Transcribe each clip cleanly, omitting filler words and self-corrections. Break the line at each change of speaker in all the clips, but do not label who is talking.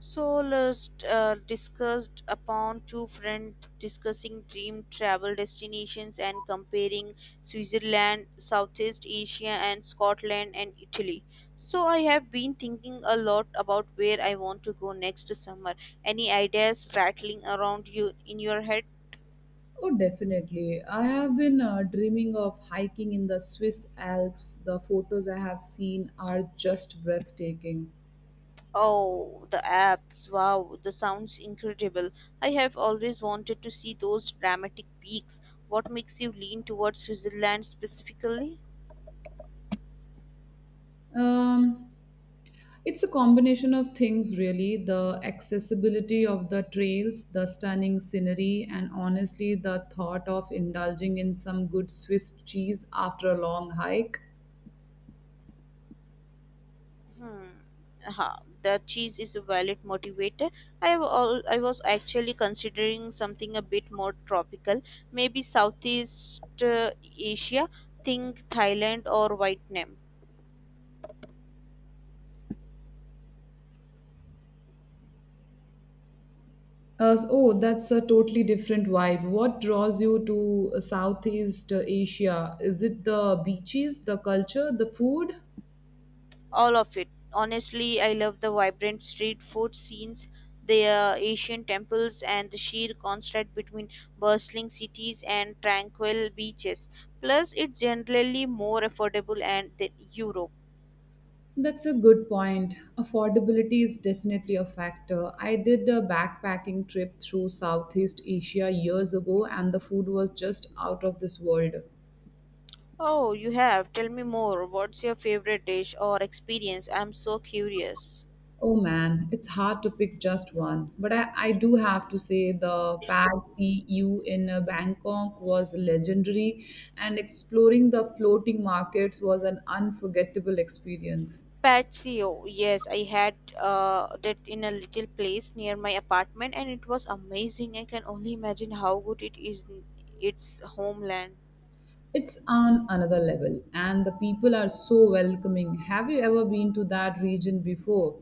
So let's discussed upon two friends discussing dream travel destinations and comparing Switzerland, Southeast Asia, and Scotland and Italy. So I have been thinking a lot about where I want to go next summer. Any ideas rattling around you in your head?
Oh, definitely. I have been dreaming of hiking in the Swiss Alps. The photos I have seen are just breathtaking.
Oh, the apps! Wow, the sounds incredible. I have always wanted to see those dramatic peaks. What makes you lean towards Switzerland specifically?
Um, it's a combination of things, really the accessibility of the trails, the stunning scenery, and honestly, the thought of indulging in some good Swiss cheese after a long hike.
Hmm. Huh. The cheese is a valid motivator. I was actually considering something a bit more tropical, maybe Southeast Asia, think Thailand or Vietnam.
Oh, that's a totally different vibe. What draws you to Southeast Asia? Is it the beaches, the culture, the food?
All of it. Honestly, I love the vibrant street food scenes, the Asian temples, and the sheer contrast between bustling cities and tranquil beaches. Plus, it's generally more affordable and than Europe.
That's a good point. Affordability is definitely a factor. I did a backpacking trip through Southeast Asia years ago, and the food was just out of this world.
Oh, you have. Tell me more. What's your favorite dish or experience? I'm so curious.
Oh man, it's hard to pick just one. But I do have to say the Pad See Ew in Bangkok was legendary, and exploring the floating markets was an unforgettable experience.
Patio. Yes, I had that in a little place near my apartment, and it was amazing. I can only imagine how good it is in its homeland.
It's on another level, and the people are so welcoming. Have you ever been to that region before?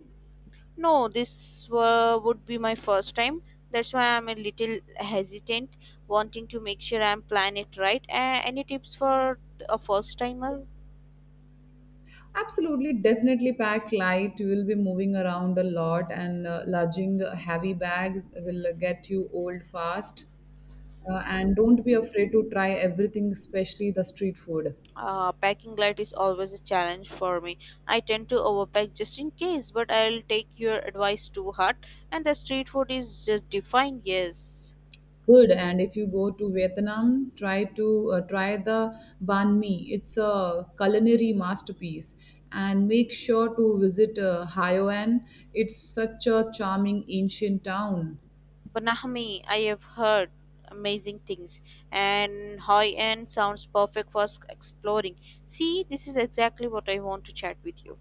No, would be my first time. That's why I'm a little hesitant, wanting to make sure I'm plan it right. Any tips for a first timer?
Absolutely, definitely pack light. You will be moving around a lot, and lugging heavy bags will get you old fast. And don't be afraid to try everything, especially the street food.
Packing light is always a challenge for me. I tend to overpack just in case, but I'll take your advice to heart. And the street food is just divine, yes.
Good. And if you go to Vietnam, try to try the banh mi. It's a culinary masterpiece. And make sure to visit Hoi An. It's such a charming ancient town.
Banahmi, I have heard amazing things, and Hoi An sounds perfect for exploring. See, this is exactly what I want to chat with you.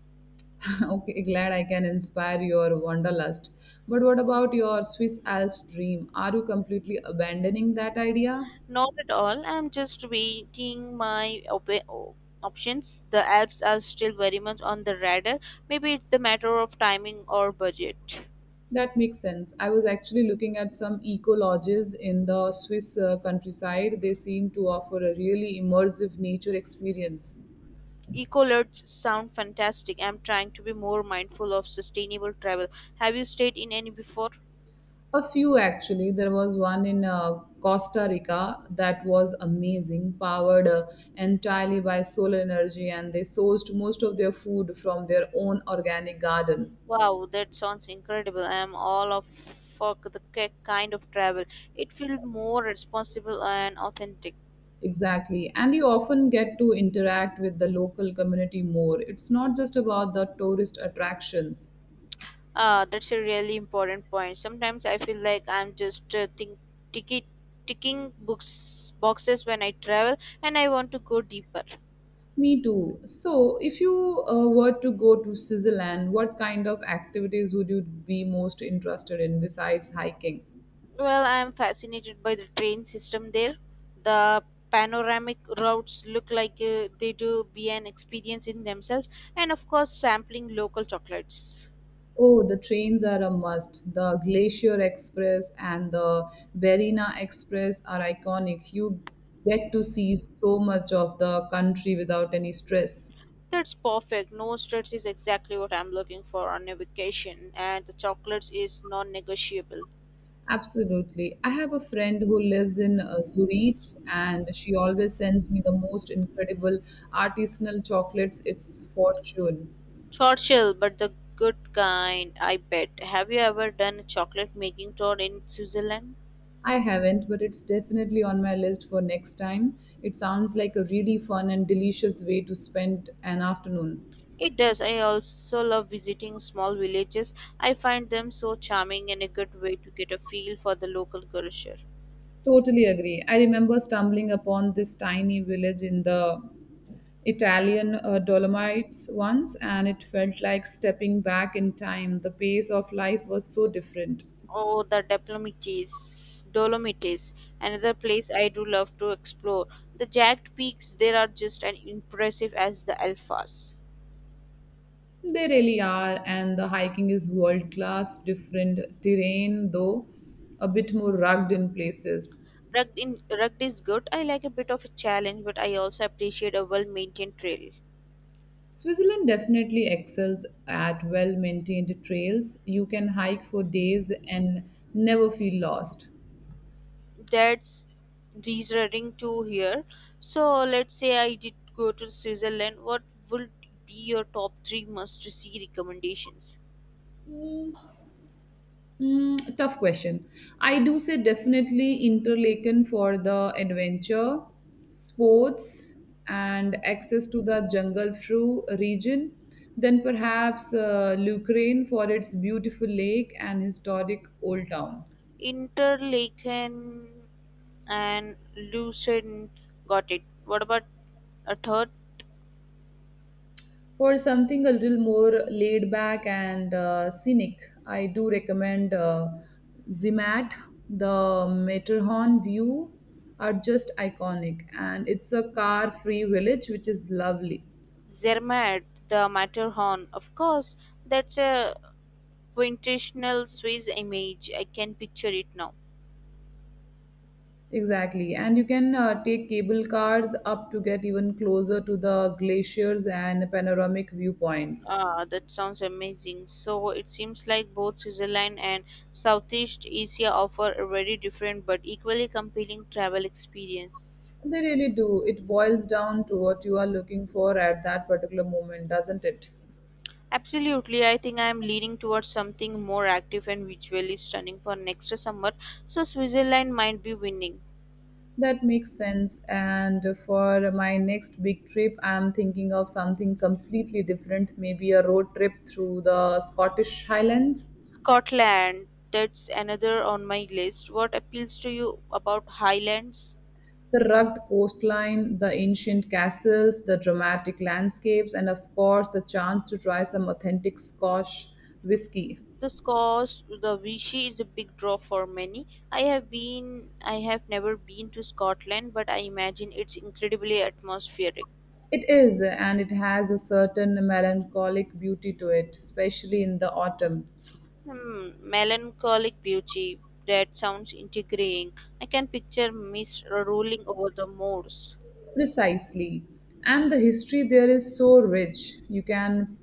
Okay, glad I can inspire your wanderlust. But what about your Swiss Alps dream? Are you completely abandoning that idea?
Not at all. I'm just waiting my options. The Alps are still very much on the radar. Maybe it's the matter of timing or budget.
That makes sense. I was actually looking at some eco lodges in the Swiss countryside. They seem to offer a really immersive nature experience.
Eco lodges sound fantastic. I'm trying to be more mindful of sustainable travel. Have you stayed in any before?
A few actually. There was one in Costa Rica that was amazing, powered entirely by solar energy, and they sourced most of their food from their own organic garden.
Wow, that sounds incredible. I am all of for the kind of travel. It feels more responsible and authentic.
Exactly. And you often get to interact with the local community more. It's not just about the tourist attractions.
Ah, that's a really important point. Sometimes I feel like I'm just think ticket ticking books boxes when I travel, and I want to go deeper.
Me too. So, if you were to go to Switzerland, what kind of activities would you be most interested in besides hiking?
Well, I am fascinated by the train system there. The panoramic routes look like they do be an experience in themselves, and of course, sampling local chocolates.
Oh, the trains are a must. The Glacier Express and the Berina Express are iconic. You get to see so much of the country without any stress.
That's perfect. No stress is exactly what I'm looking for on a vacation, and the chocolates is non-negotiable.
Absolutely. I have a friend who lives in Zurich and she always sends me the most incredible artisanal chocolates. It's fortune.
Short shell, but the good kind, I bet. Have you ever done a chocolate making tour in Switzerland?
I haven't, but it's definitely on my list for next time. It sounds like a really fun and delicious way to spend an afternoon.
It does. I also love visiting small villages. I find them so charming and a good way to get a feel for the local culture.
Totally agree. I remember stumbling upon this tiny village in the Italian Dolomites once, and it felt like stepping back in time. The pace of life was so different.
Oh, the Dolomites, another place I do love to explore. The jagged peaks there are just as impressive as the Alphas.
They really are, and the hiking is world class, different terrain, though a bit more rugged in places.
Rugged is good. I like a bit of a challenge, but I also appreciate a well-maintained trail.
Switzerland definitely excels at well maintained trails. You can hike for days and never feel lost.
That's reassuring to hear. So let's say I did go to Switzerland. What would be your top three must-see recommendations?
Mm, tough question. I do say definitely Interlaken for the adventure, sports, and access to the jungle through region. Then perhaps Ukraine for its beautiful lake and historic old town.
Interlaken and Lucerne, got it. What about a third?
For something a little more laid back and scenic, I do recommend Zermatt. The Matterhorn view are just iconic, and it's a car-free village, which is lovely.
Zermatt, the Matterhorn. Of course, that's a quintessential Swiss image. I can picture it now.
Exactly, and you can take cable cars up to get even closer to the glaciers and panoramic viewpoints.
Ah, that sounds amazing. So it seems like both Switzerland and Southeast Asia offer a very different but equally compelling travel experience.
They really do. It boils down to what you are looking for at that particular moment, doesn't it?
Absolutely, I think I am leaning towards something more active and visually stunning for next summer, so Switzerland might be winning.
That makes sense. And for my next big trip, I'm thinking of something completely different, maybe a road trip through the Scottish Highlands.
Scotland, that's another on my list. What appeals to you about Highlands?
The rugged coastline, the ancient castles, the dramatic landscapes, and of course, the chance to try some authentic Scotch whiskey.
The Scots, the Vichy is a big draw for many. I have been, I have never been to Scotland, but I imagine it's incredibly atmospheric.
It is, and it has a certain melancholic beauty to it, especially in the autumn.
Hmm, melancholic beauty. That sounds intriguing. I can picture mist rolling over the moors.
Precisely. And the history there is so rich. You can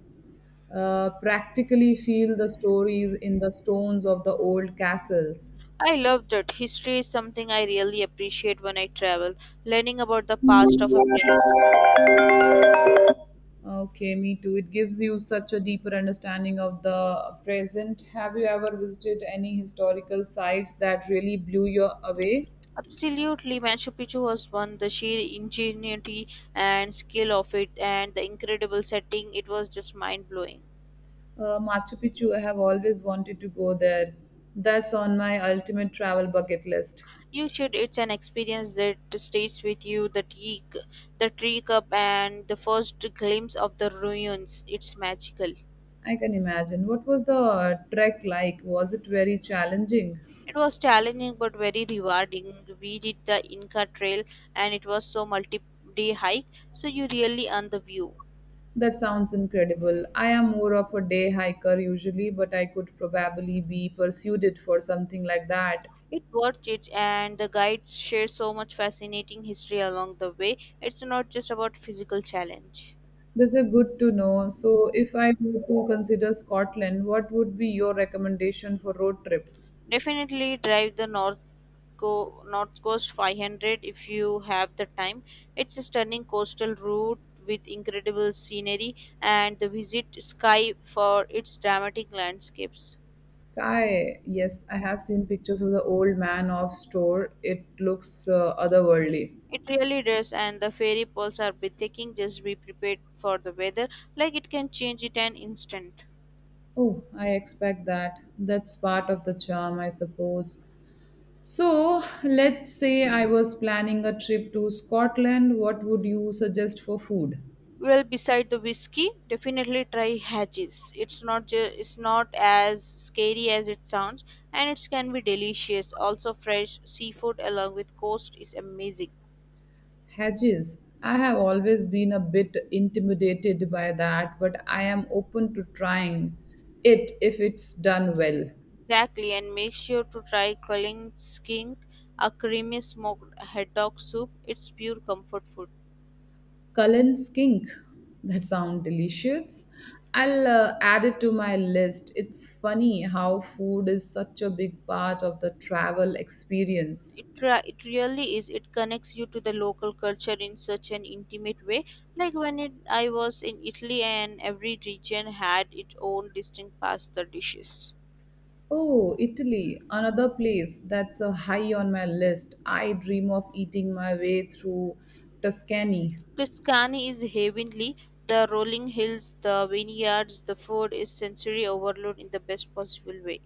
practically feel the stories in the stones of the old castles.
I love that. History is something I really appreciate when I travel, learning about the past of a place.
Okay, me too. It gives you such a deeper understanding of the present. Have you ever visited any historical sites that really blew you away?
Absolutely, Machu Picchu was one. The sheer ingenuity and skill of it, and the incredible setting, it was just mind blowing.
Machu Picchu, I have always wanted to go there. That's on my ultimate travel bucket list.
You should. It's an experience that stays with you. The tree cup, and the first glimpse of the ruins. It's magical.
I can imagine. What was the trek like? Was it very challenging?
It was challenging but very rewarding. We did the Inca Trail, and it was so multi-day hike, so you really earn the view.
That sounds incredible. I am more of a day hiker usually, but I could probably be persuaded for something like that.
It worth it, and the guides share so much fascinating history along the way. It's not just about physical challenge.
This is good to know. So, if I were to consider Scotland, what would be your recommendation for road trip?
Definitely drive the North Coast 500 if you have the time. It's a stunning coastal route with incredible scenery, and the visit Sky for its dramatic landscapes.
Sky, yes, I have seen pictures of the old man of store. It looks otherworldly.
It really does, and the ferry poles are breathtaking. Just be prepared for the weather, like it can change it an instant.
Oh, I expect that. That's part of the charm, I suppose. So, let's say I was planning a trip to Scotland. What would you suggest for food?
Well, beside the whiskey, definitely try Haggis. It's not as scary as it sounds, and it can be delicious. Also, fresh seafood along with coast is amazing.
Hedges. I have always been a bit intimidated by that, but I am open to trying it if it's done well.
Exactly, and make sure to try Kalinkink, a creamy smoked haddock soup. It's pure comfort food.
Cullen's kink. That sounds delicious. I'll add it to my list. It's funny how food is such a big part of the travel experience.
It really is. It connects you to the local culture in such an intimate way. Like when it, I was in Italy, and every region had its own distinct pasta dishes.
Oh, Italy, another place that's high on my list. I dream of eating my way through Tuscany.
Tuscany is heavenly. The rolling hills, the vineyards, the food is sensory overload in the best possible way.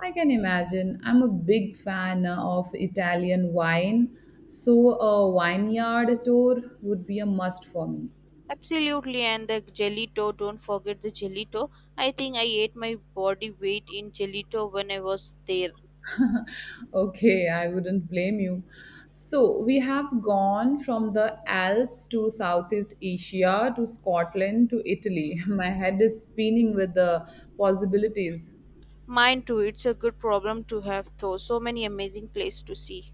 I can imagine. I'm a big fan of Italian wine, so a vineyard tour would be a must for me.
Absolutely, and the gelato, don't forget the gelato. I think I ate my body weight in gelato when I was there.
Okay, I wouldn't blame you. So, we have gone from the Alps to Southeast Asia to Scotland to Italy. My head is spinning with the possibilities.
Mine too, it's a good problem to have though. So many amazing places to see.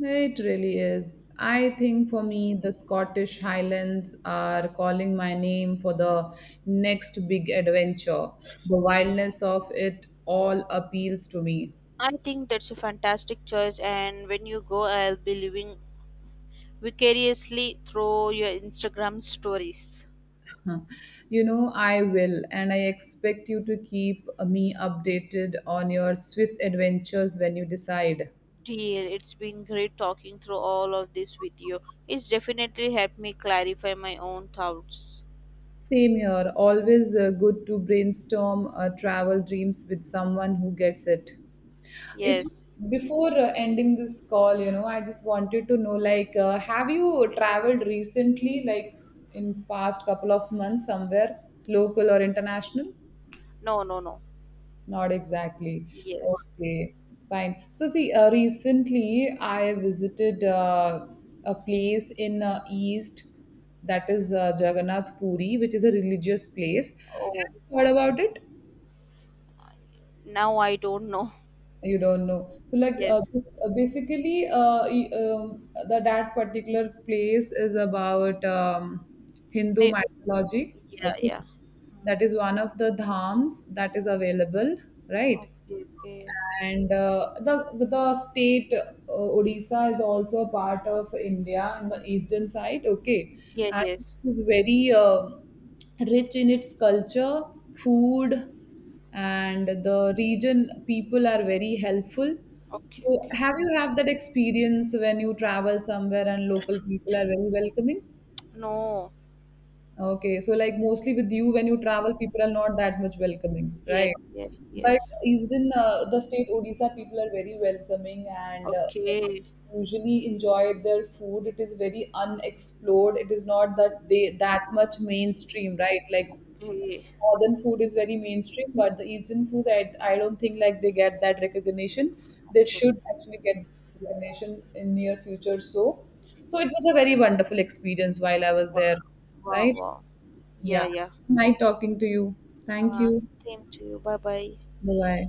It really is. I think for me, the Scottish Highlands are calling my name for the next big adventure. The wildness of it all appeals to me.
I think that's a fantastic choice, and when you go, I'll be living vicariously through your Instagram stories.
Huh. You know, I will, and I expect you to keep me updated on your Swiss adventures when you decide.
Dear, it's been great talking through all of this with you. It's definitely helped me clarify my own thoughts.
Same here. Always good to brainstorm travel dreams with someone who gets it. If
Yes.
before ending this call, I just wanted to know, like, have you traveled recently, like in past couple of months, somewhere local or international?
No, no, no.
Not exactly.
Yes.
Okay, fine. So see, recently I visited a place in East that is Jagannath Puri, which is a religious place.
Oh,
Have you heard about it?
now I don't know.
You don't know. So like
Yes.
basically, the that particular place is about Hindu
May-
mythology.
yeah,
Okay,
yeah. Mm.
that is one of the dhams that is available, right?
Okay, okay.
And the state Odisha is also a part of India in the eastern side. Okay,
Yeah,
and
yes.
it is very rich in its culture, food, and the region people are very helpful.
Okay,
So,
okay.
have you have that experience when you travel somewhere and local people are very welcoming?
No.
Okay, so like mostly with you when you travel, people are not that much welcoming,
Yes,
right?
yes,
But
yes.
Eastern, the state Odisha, people are very welcoming and
Okay.
usually enjoy their food. It is very unexplored. It is not that they that much mainstream, right? Like
Okay.
northern food is very mainstream, but the eastern foods, I don't think like they get that recognition. They
Okay.
should actually get recognition in near future. So, so it was a very wonderful experience while I was
Wow,
there,
wow,
right?
wow. Yeah,
Yeah.
yeah.
Nice talking to you. Thank
Uh,
you.
Same to you. Bye bye.
Bye bye.